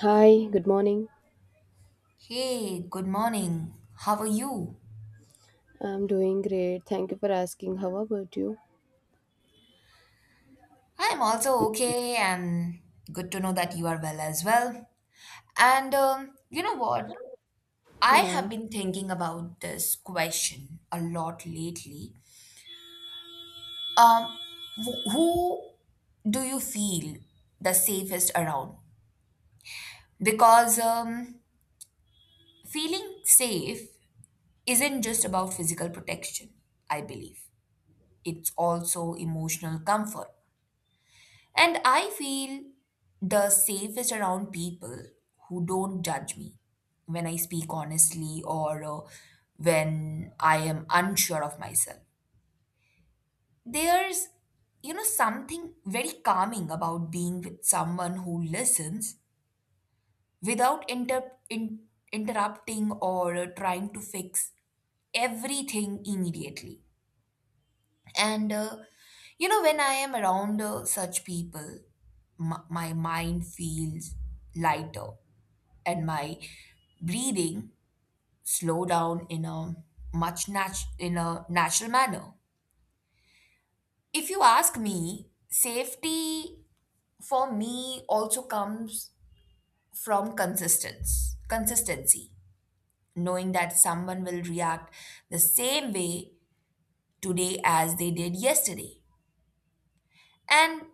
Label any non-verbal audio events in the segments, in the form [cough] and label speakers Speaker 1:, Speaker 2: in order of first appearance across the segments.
Speaker 1: Hi, good morning.
Speaker 2: Hey, good morning. How are you?
Speaker 1: I'm doing great. Thank you for asking. How about you?
Speaker 2: I'm also okay, and good to know that you are well as well. And you know what? I
Speaker 1: Yeah.
Speaker 2: have been thinking about this question a lot lately. Um, who do you feel the safest around? Because feeling safe isn't just about physical protection, I believe. It's also emotional comfort. And I feel the safest around people who don't judge me when I speak honestly, or when I am unsure of myself. There's something very calming about being with someone who listens without interrupting or trying to fix everything immediately. And you know, when I am around such people, my mind feels lighter and my breathing slow down in a in a natural manner. If you ask me, safety for me also comes from consistency, knowing that someone will react the same way today as they did yesterday. And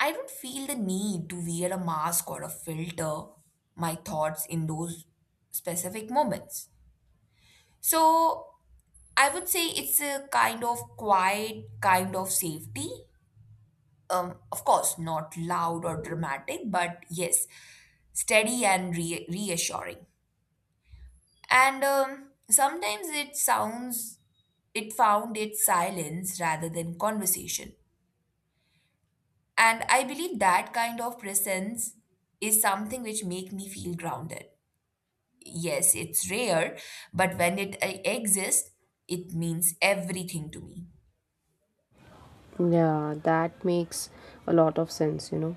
Speaker 2: I don't feel the need to wear a mask or a filter my thoughts in those specific moments. So I would say it's a kind of quiet kind of safety. Of course, not loud or dramatic, but yes, steady and reassuring. And sometimes it sounds, it found its silence rather than conversation. And I believe that kind of presence is something which make me feel grounded. Yes, it's rare, but when it exists, it means everything to me.
Speaker 1: Yeah, that makes a lot of sense, you know.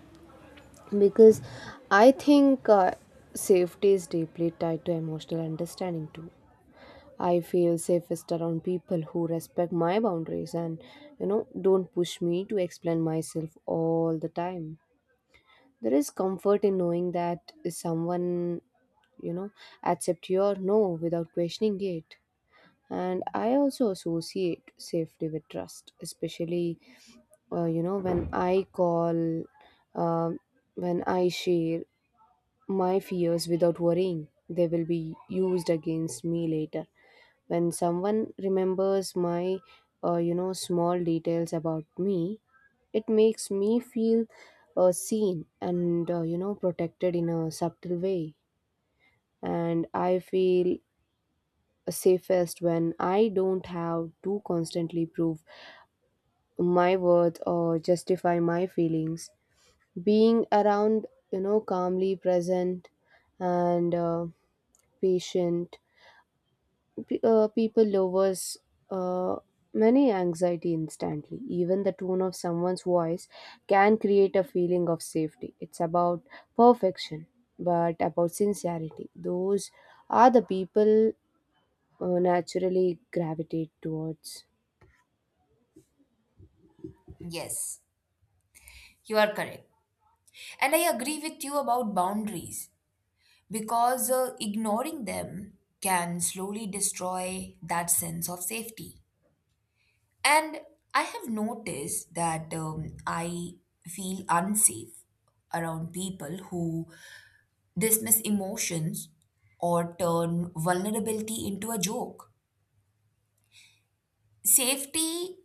Speaker 1: Because I think safety is deeply tied to emotional understanding too. I feel safest around people who respect my boundaries and, you know, don't push me to explain myself all the time. There is comfort in knowing that someone, you know, accept your no without questioning it. And I also associate safety with trust, especially you know, when I call um, when I share my fears without worrying they will be used against me later. When someone remembers my you know, small details about me, it makes me feel seen and you know, protected in a subtle way. And I feel safest when I don't have to constantly prove my worth or justify my feelings. Being around, you know, calmly present and patient people lowers uh, many anxiety instantly. Even the tone of someone's voice can create a feeling of safety. It's about perfection but about sincerity. Those are the people naturally gravitate towards.
Speaker 2: Yes, you are correct. And I agree with you about boundaries because ignoring them can slowly destroy that sense of safety. And I have noticed that I feel unsafe around people who dismiss emotions or turn vulnerability into a joke. Safety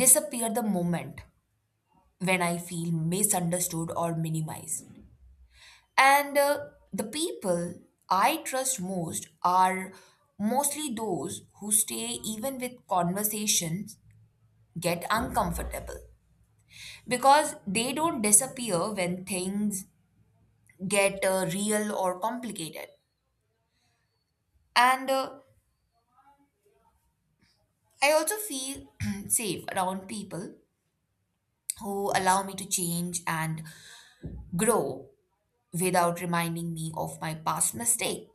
Speaker 2: disappear the moment when I feel misunderstood or minimized. And the people I trust most are mostly those who stay even with conversations get uncomfortable, because they don't disappear when things get real or complicated. And I also feel [clears throat] safe around people who allow me to change and grow without reminding me of my past mistake.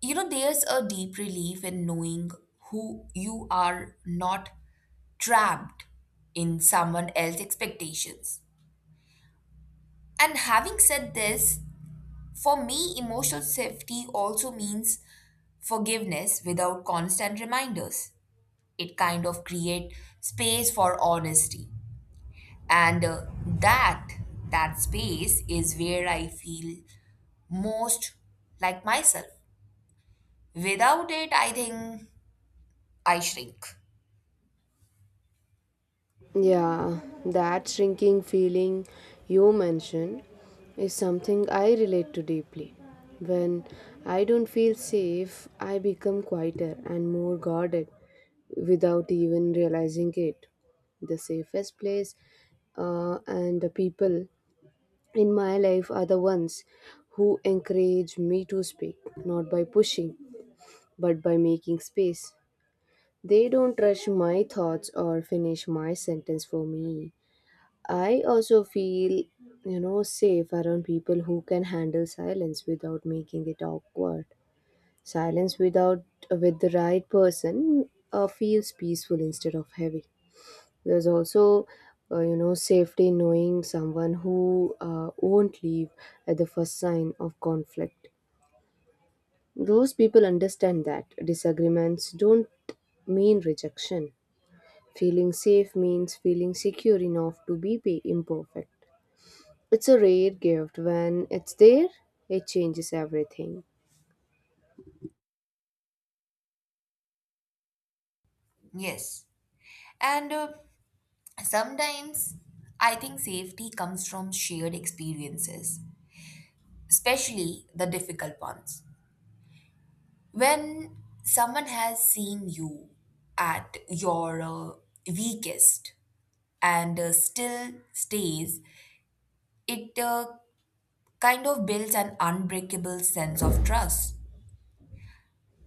Speaker 2: You know, there's a deep relief in knowing who you are not trapped in someone else's expectations. And having said this, for me, emotional safety also means forgiveness without constant reminders. It kind of create space for honesty, and that space is where I feel most like myself. Without it, I think I shrink.
Speaker 1: Yeah, that shrinking feeling you mentioned is something I relate to deeply. When I don't feel safe, I become quieter and more guarded without even realizing it. The safest place and the people in my life are the ones who encourage me to speak, not by pushing, but by making space. They don't rush my thoughts or finish my sentence for me. I also feel, you know, safe around people who can handle silence without making it awkward. Silence without with the right person feels peaceful instead of heavy. There's also, you know, safety in knowing someone who won't leave at the first sign of conflict. Those people understand that disagreements don't mean rejection. Feeling safe means feeling secure enough to be imperfect. It's a rare gift. When it's there, it changes everything.
Speaker 2: Yes. And sometimes I think safety comes from shared experiences, especially the difficult ones. When someone has seen you at your weakest and still stays, it kind of builds an unbreakable sense of trust.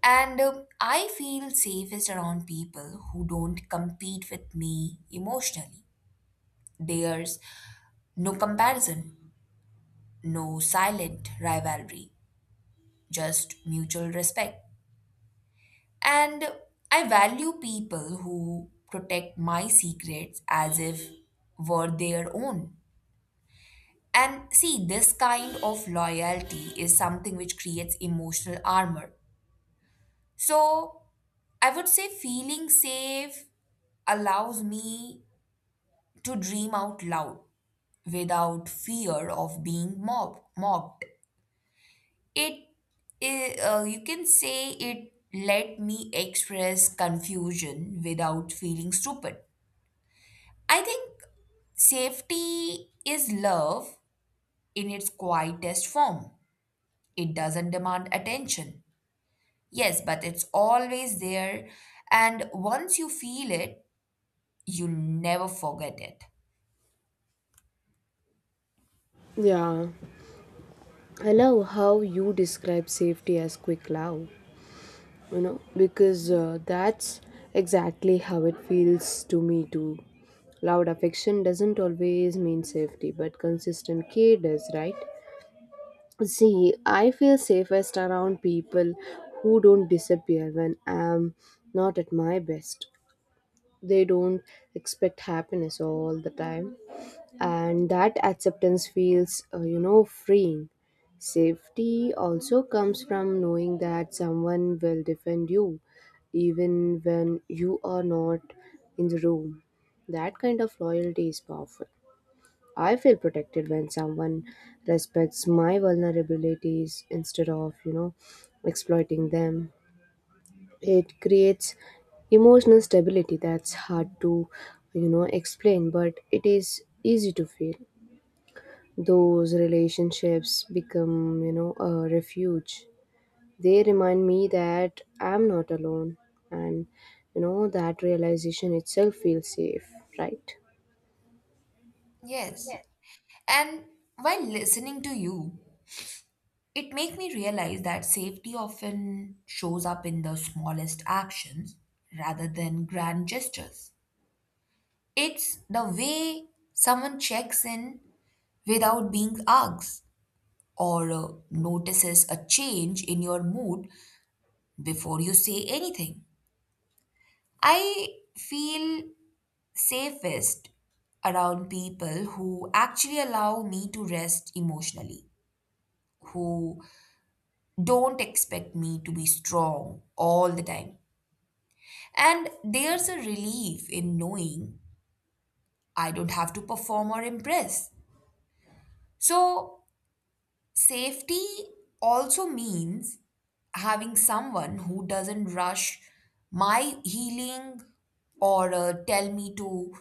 Speaker 2: And I feel safest around people who don't compete with me emotionally. There's no comparison, no silent rivalry, just mutual respect. And I value people who protect my secrets as if were their own. And see, this kind of loyalty is something which creates emotional armor. So I would say feeling safe allows me to dream out loud without fear of being mobbed. It, you can say it let me express confusion without feeling stupid. I think safety is love in its quietest form. It doesn't demand attention. Yes, but it's always there, and once you feel it, you never forget it.
Speaker 1: Yeah, I love how you describe safety as quick love, you know, because that's exactly how it feels to me too. Loud affection doesn't always mean safety, but consistent care does, right? See, I feel safest around people who don't disappear when I'm not at my best. They don't expect happiness all the time, and that acceptance feels you know, freeing. Safety also comes from knowing that someone will defend you even when you are not in the room. That kind of loyalty is powerful. I feel protected when someone respects my vulnerabilities instead of, you know, exploiting them. It creates emotional stability that's hard to, you know, explain, but it is easy to feel. Those relationships become, you know, a refuge. They remind me that I'm not alone, and you know, that realization itself feels safe, right?
Speaker 2: Yes. And while listening to you, it made me realize that safety often shows up in the smallest actions rather than grand gestures. It's the way someone checks in without being asked, or notices a change in your mood before you say anything. I feel safest around people who actually allow me to rest emotionally, who don't expect me to be strong all the time. And there's a relief in knowing I don't have to perform or impress. So, safety also means having someone who doesn't rush my healing or tell me to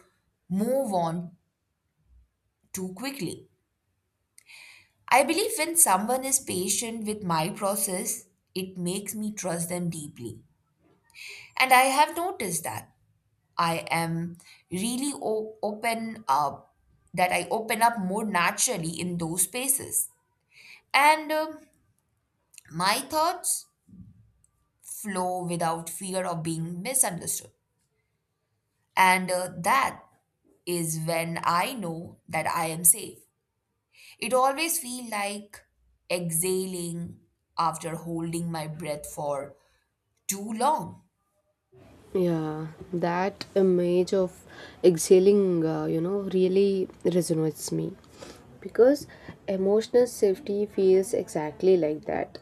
Speaker 2: move on too quickly. I believe when someone is patient with my process, it makes me trust them deeply. And I have noticed that. I am really o- open up, that I open up more naturally in those spaces. And my thoughts flow without fear of being misunderstood. And that is when I know that I am safe. It always feels like exhaling after holding my breath for too long.
Speaker 1: Yeah, that image of exhaling, you know, really resonates me because emotional safety feels exactly like that.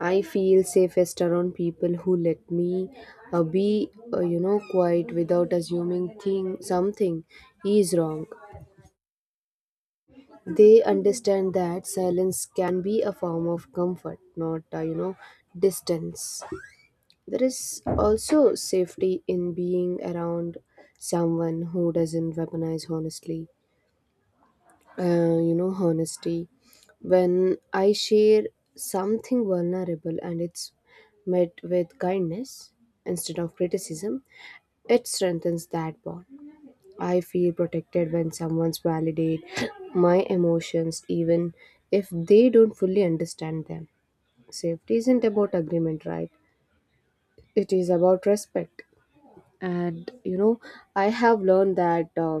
Speaker 1: I feel safest around people who let me be, you know, quiet without assuming thing something is wrong. They understand that silence can be a form of comfort, not, you know, distance. There is also safety in being around someone who doesn't weaponize honestly. You know, honesty. When I share something vulnerable and it's met with kindness instead of criticism, it strengthens that bond. I feel protected when someone's validate my emotions even if they don't fully understand them. Safety isn't about agreement, right? It is about respect. And you know, I have learned that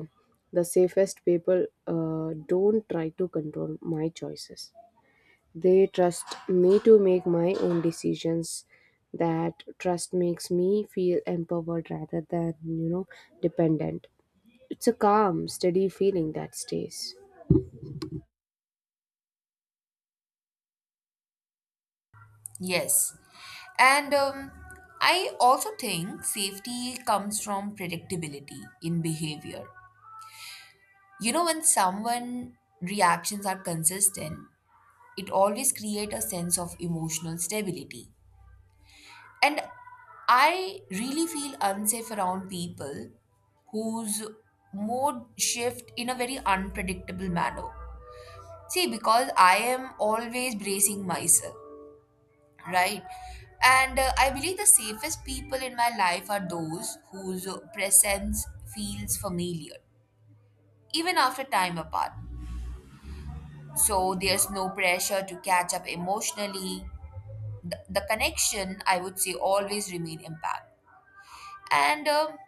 Speaker 1: the safest people don't try to control my choices. They trust me to make my own decisions. That trust makes me feel empowered rather than, you know, dependent. It's a calm, steady feeling that stays.
Speaker 2: Yes. And I also think safety comes from predictability in behavior. You know, when someone reactions are consistent, it always creates a sense of emotional stability. And I really feel unsafe around people whose mood shift in a very unpredictable manner. See, because I am always bracing myself, right? And I believe the safest people in my life are those whose presence feels familiar, even after time apart. So there's no pressure to catch up emotionally. The connection, I would say, always remain intact. And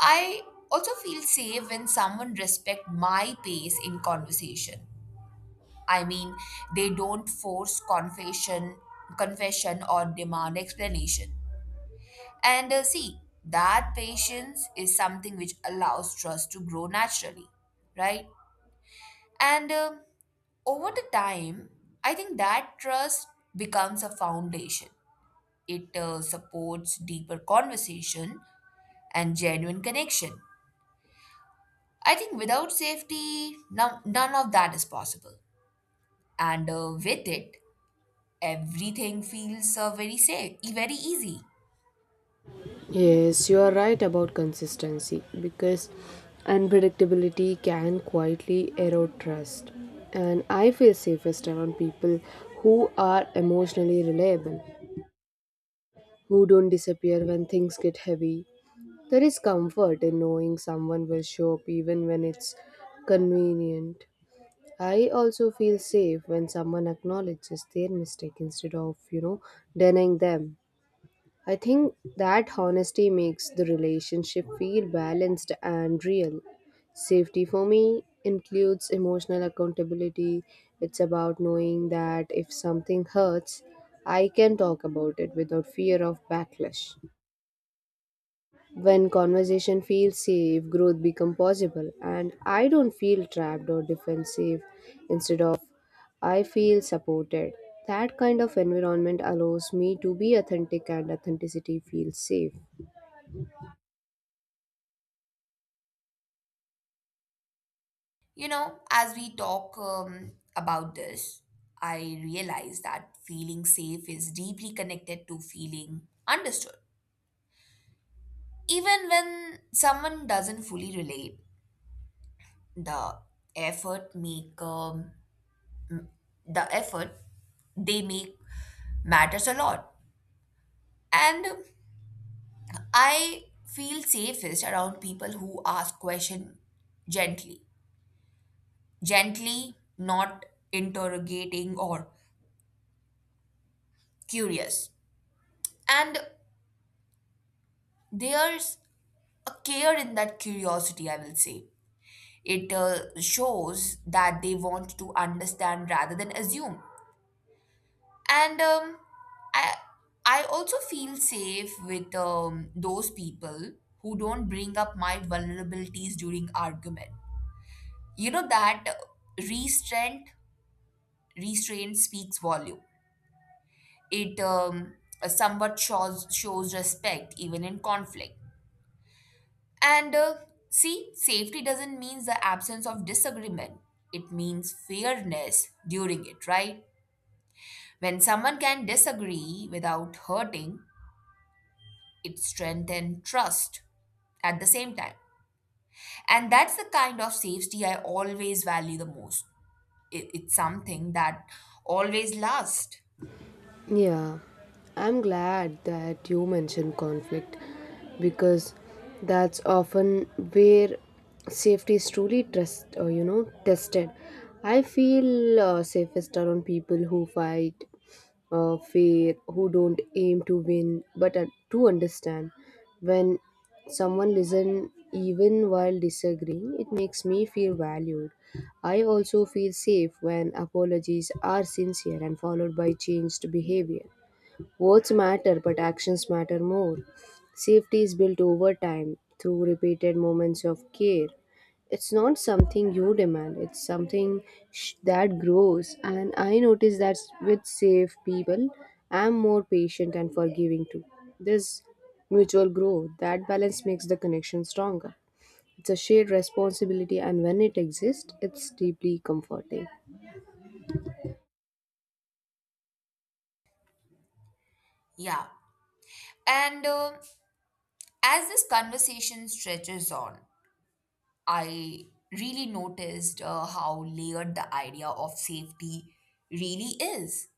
Speaker 2: I also feel safe when someone respect my pace in conversation. I mean, they don't force confession or demand explanation. And see, that patience is something which allows trust to grow naturally, right? And over the time, I think that trust becomes a foundation. It supports deeper conversation and genuine connection. I think without safety, no, none of that is possible. And with it, everything feels very safe, very easy.
Speaker 1: Yes, you are right about consistency, because unpredictability can quietly erode trust. And I feel safest around people who are emotionally reliable, who don't disappear when things get heavy. There is comfort in knowing someone will show up even when it's convenient. I also feel safe when someone acknowledges their mistake instead of, you know, denying them. I think that honesty makes the relationship feel balanced and real. Safety for me includes emotional accountability. It's about knowing that if something hurts, I can talk about it without fear of backlash. When conversation feels safe, growth becomes possible, and I don't feel trapped or defensive. Instead of I feel supported. That kind of environment allows me to be authentic, and authenticity feels safe.
Speaker 2: You know, as we talk about this, I realize that feeling safe is deeply connected to feeling understood. Even when someone doesn't fully relate, the effort make um, the effort they make matters a lot. And I feel safest around people who ask questions gently, gently, not interrogating or curious. And there's a care in that curiosity, I will say. It shows that they want to understand rather than assume. And um, I, I also feel safe with those people who don't bring up my vulnerabilities during argument. You know that restraint, restraint speaks volume. It somewhat shows respect even in conflict. And see, safety doesn't mean the absence of disagreement. It means fairness during it, right? When someone can disagree without hurting, it strengthens trust at the same time. And that's the kind of safety I always value the most. It's something that always lasts.
Speaker 1: Yeah, I'm glad that you mentioned conflict, because that's often where safety is truly trust or, you know, tested. I feel safest around people who fight fair, who don't aim to win but to understand. When someone listen even while disagreeing, it makes me feel valued. I also feel safe when apologies are sincere and followed by changed behavior. Words matter, but actions matter more. Safety is built over time through repeated moments of care. It's not something you demand, it's that grows. And I notice that with safe people, I'm more patient and forgiving too. This mutual growth, that balance makes the connection stronger. It's a shared responsibility, and when it exists, it's deeply comforting.
Speaker 2: Yeah. And as this conversation stretches on, I really noticed how layered the idea of safety really is.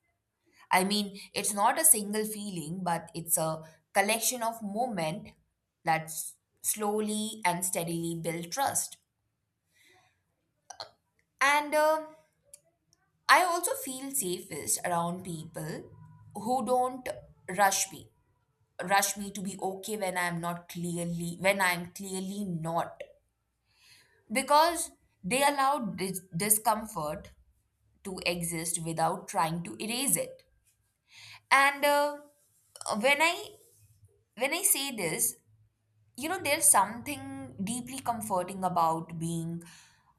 Speaker 2: I mean, it's not a single feeling, but it's a collection of moment that slowly and steadily build trust. And I also feel safest around people who don't rush me, rush me to be okay when I'm not clearly, when I'm clearly not, because they allow discomfort to exist without trying to erase it. And when I when I say this, you know, there's something deeply comforting about being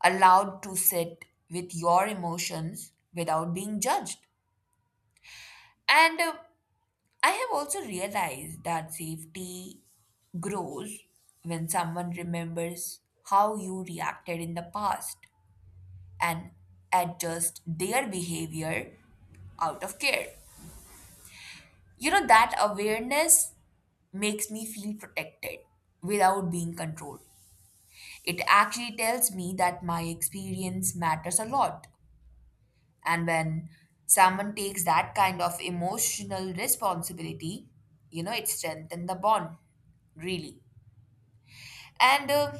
Speaker 2: allowed to sit with your emotions without being judged. And I have also realized that safety grows when someone remembers how you reacted in the past and adjust their behavior out of care. You know, that awareness makes me feel protected without being controlled. It actually tells me that my experience matters a lot. And when someone takes that kind of emotional responsibility, you know, it strengthens the bond, really. And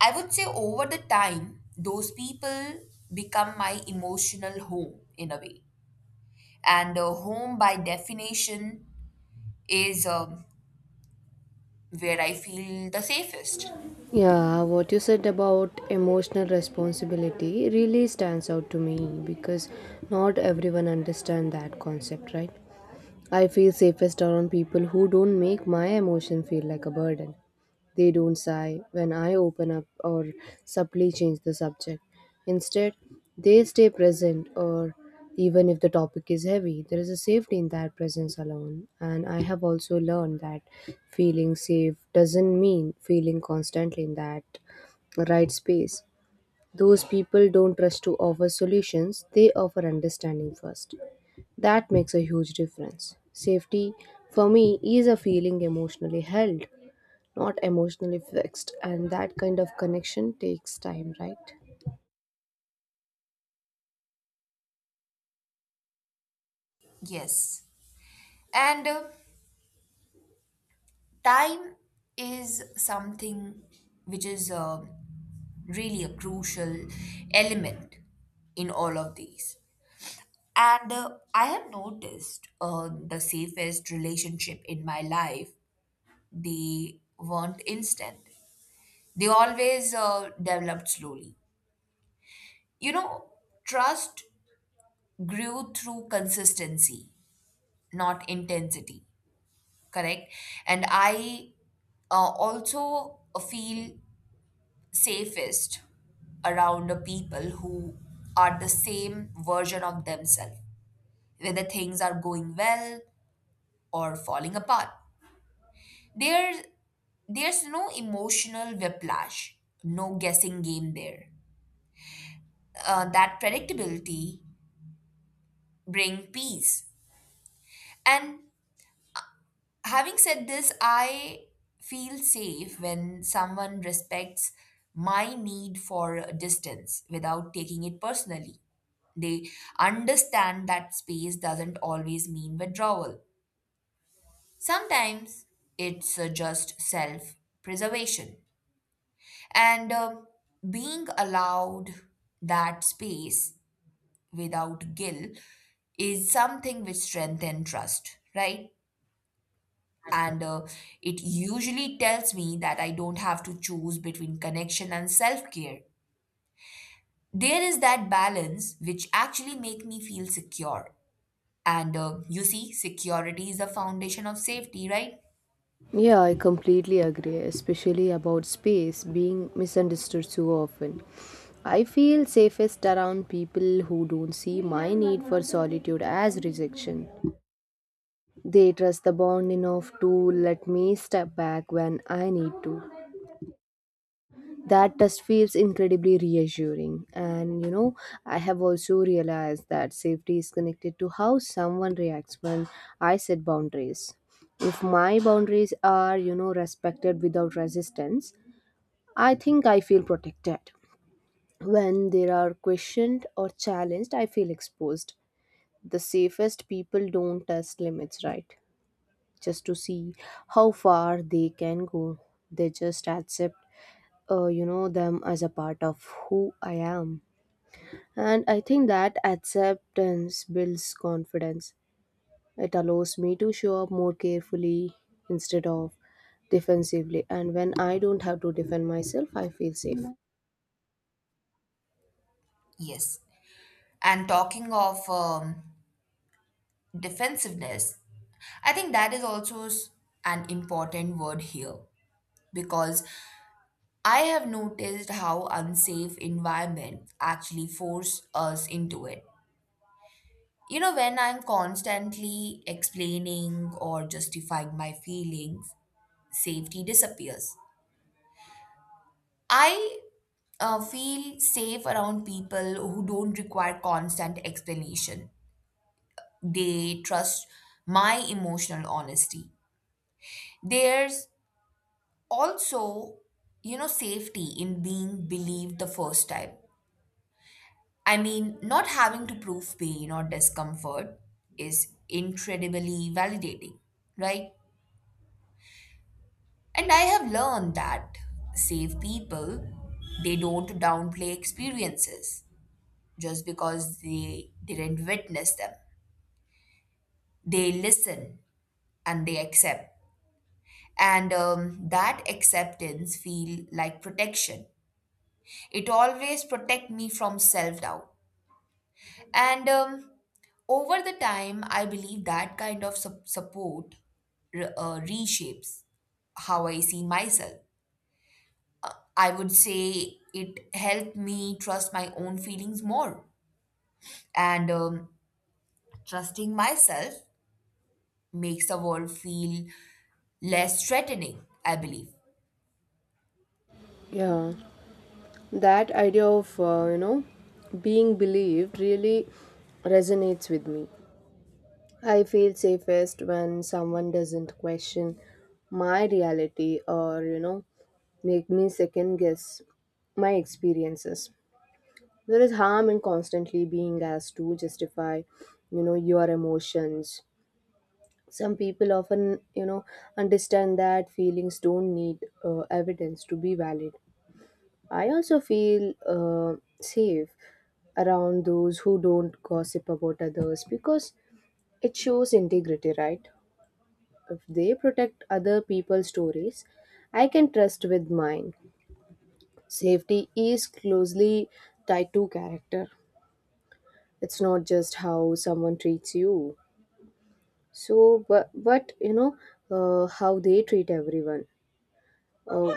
Speaker 2: I would say over the time, those people become my emotional home in a way. And home, by definition, is where I feel the safest.
Speaker 1: Yeah, what you said about emotional responsibility really stands out to me because not everyone understands that concept, right? I feel safest around people who don't make my emotion feel like a burden. They don't sigh when I open up or subtly change the subject. Instead, they stay present, or even if the topic is heavy, there is a safety in that presence alone. And I have also learned that feeling safe doesn't mean feeling constantly in that right space. Those people don't rush to offer solutions, they offer understanding first. That makes a huge difference. Safety, for me, is a feeling emotionally held, not emotionally fixed, and that kind of connection takes time, right?
Speaker 2: Yes. And time is something which is really a crucial element in all of these. And I have noticed the safest relationship in my life, they weren't instant. They always developed slowly. You know, trust grew through consistency, not intensity, correct? And I also feel safest around the people who are the same version of themselves, whether things are going well or falling apart. There there's no emotional whiplash, no guessing game there. That predictability bring peace. And having said this, I feel safe when someone respects my need for distance without taking it personally. They understand that space doesn't always mean withdrawal. Sometimes it's just self preservation. And being allowed that space without guilt is something which strengthens trust, right? And it usually tells me that I don't have to choose between connection and self care. There is that balance which actually make me feel secure. And you see, security is the foundation of safety, right?
Speaker 1: Yeah, I completely agree, especially about space being misunderstood so often. I feel safest around people who don't see my need for solitude as rejection. They trust the bond enough to let me step back when I need to. That test feels incredibly reassuring. And you know, I have also realized that safety is connected to how someone reacts when I set boundaries. If my boundaries are, you know, respected without resistance, I think I feel protected. When they are questioned or challenged, I feel exposed. The safest people don't test limits, right, just to see how far they can go. They just accept, you know, them as a part of who I am. And I think that acceptance builds confidence. It allows me to show up more carefully instead of defensively, and when I don't have to defend myself, I feel safe.
Speaker 2: Yes. And talking of defensiveness, I think that is also an important word here because I have noticed how unsafe environment actually force us into it. You know, when I'm constantly explaining or justifying my feelings, safety disappears. I feel safe around people who don't require constant explanation. They trust my emotional honesty. There's also, you know, safety in being believed the first time. I mean, not having to prove pain or discomfort is incredibly validating, right? And I have learned that safe people, they don't downplay experiences just because they didn't witness them. They listen and they accept. And that acceptance feel like protection. It always protect me from self-doubt. And over the time, I believe that kind of support reshapes how I see myself. I would say it helped me trust my own feelings more. And trusting myself makes the world feel less threatening, I believe.
Speaker 1: Yeah, that idea of you know, being believed really resonates with me. I feel safest when someone doesn't question my reality or, you know, make me second guess my experiences. There is harm in constantly being asked to justify, you know, your emotions. Some people often, you know, understand that feelings don't need evidence to be valid. I also feel safe around those who don't gossip about others, because it shows integrity, right? If they protect other people's stories, I can trust with mine. Safety is closely tied to character. It's not just how someone treats you. So, but you know, how they treat everyone. Uh,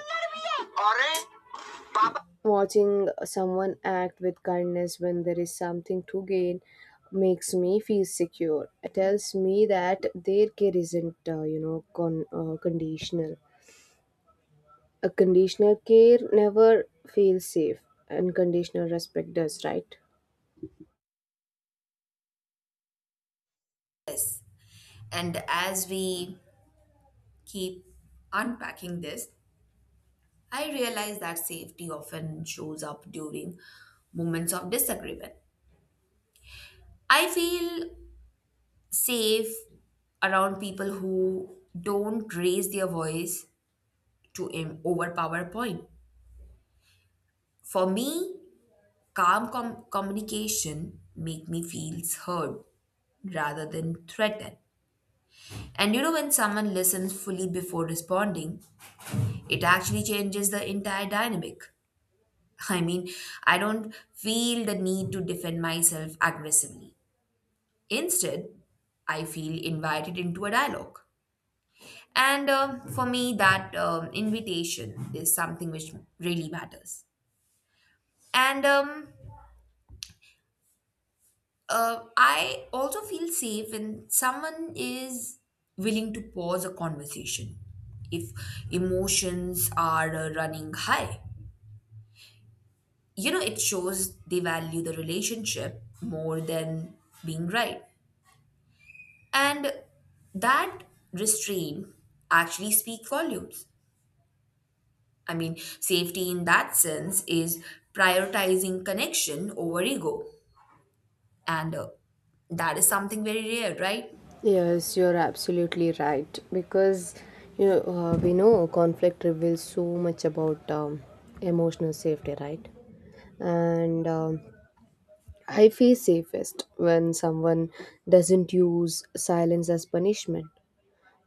Speaker 1: Watching someone act with kindness when there is something to gain makes me feel secure. It tells me that their care isn't, you know, conditional. A conditional care never feels safe, and conditional respect does, right?
Speaker 2: Yes. And as we keep unpacking this, I realize that safety often shows up during moments of disagreement. I feel safe around people who don't raise their voice to overpower point. For me, calm communication make me feels heard rather than threatened. And you know when someone listens fully before responding, it actually changes the entire dynamic. [laughs] I mean, I don't feel the need to defend myself aggressively. Instead, I feel invited into a dialogue. And for me, that invitation is something which really matters. And I also feel safe when someone is willing to pause a conversation if emotions are running high. You know, it shows they value the relationship more than being right. And that restraint actually speaks volumes. I mean, safety in that sense is prioritizing connection over ego. And that is something very rare, right?
Speaker 1: Yes, you're absolutely right. Because you know, we know conflict reveals so much about emotional safety, right? And I feel safest when someone doesn't use silence as punishment.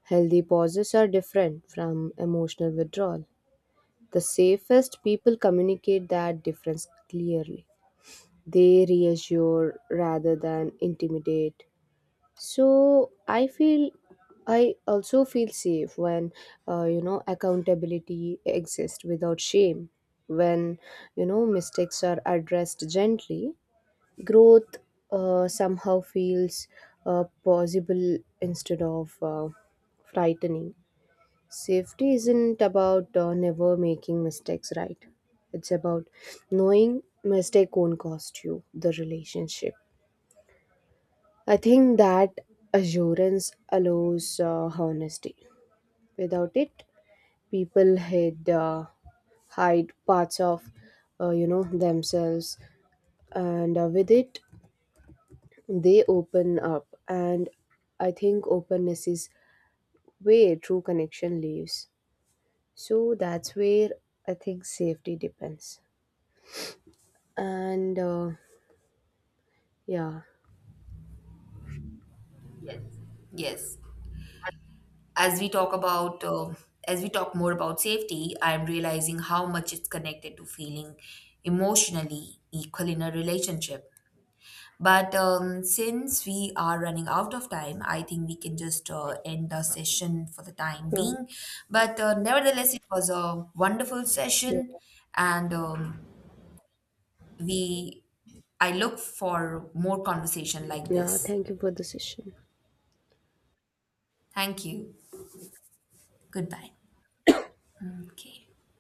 Speaker 1: Healthy pauses are different from emotional withdrawal. The safest people communicate that difference clearly. They reassure rather than intimidate. So I feel I also feel safe when you know, accountability exists without shame. When you know mistakes are addressed gently, growth somehow feels possible instead of frightening. Safety isn't about never making mistakes, right? It's about knowing mistake won't cost you the relationship. I think that assurance allows honesty. Without it, people hide parts of, you know, themselves, and with it, they open up. And I think openness is where true connection lives. So that's where I think safety depends. And yeah.
Speaker 2: Yes. as we talk about um as we talk more about safety, I'm realizing how much it's connected to feeling emotionally equal in a relationship. But since we are running out of time, I think we can just end the session for the time
Speaker 1: Yeah.
Speaker 2: being. But nevertheless, it was a wonderful session. And um, we I look for more conversation like
Speaker 1: Yeah.
Speaker 2: this.
Speaker 1: Thank you for the session.
Speaker 2: Thank you. Goodbye. Okay.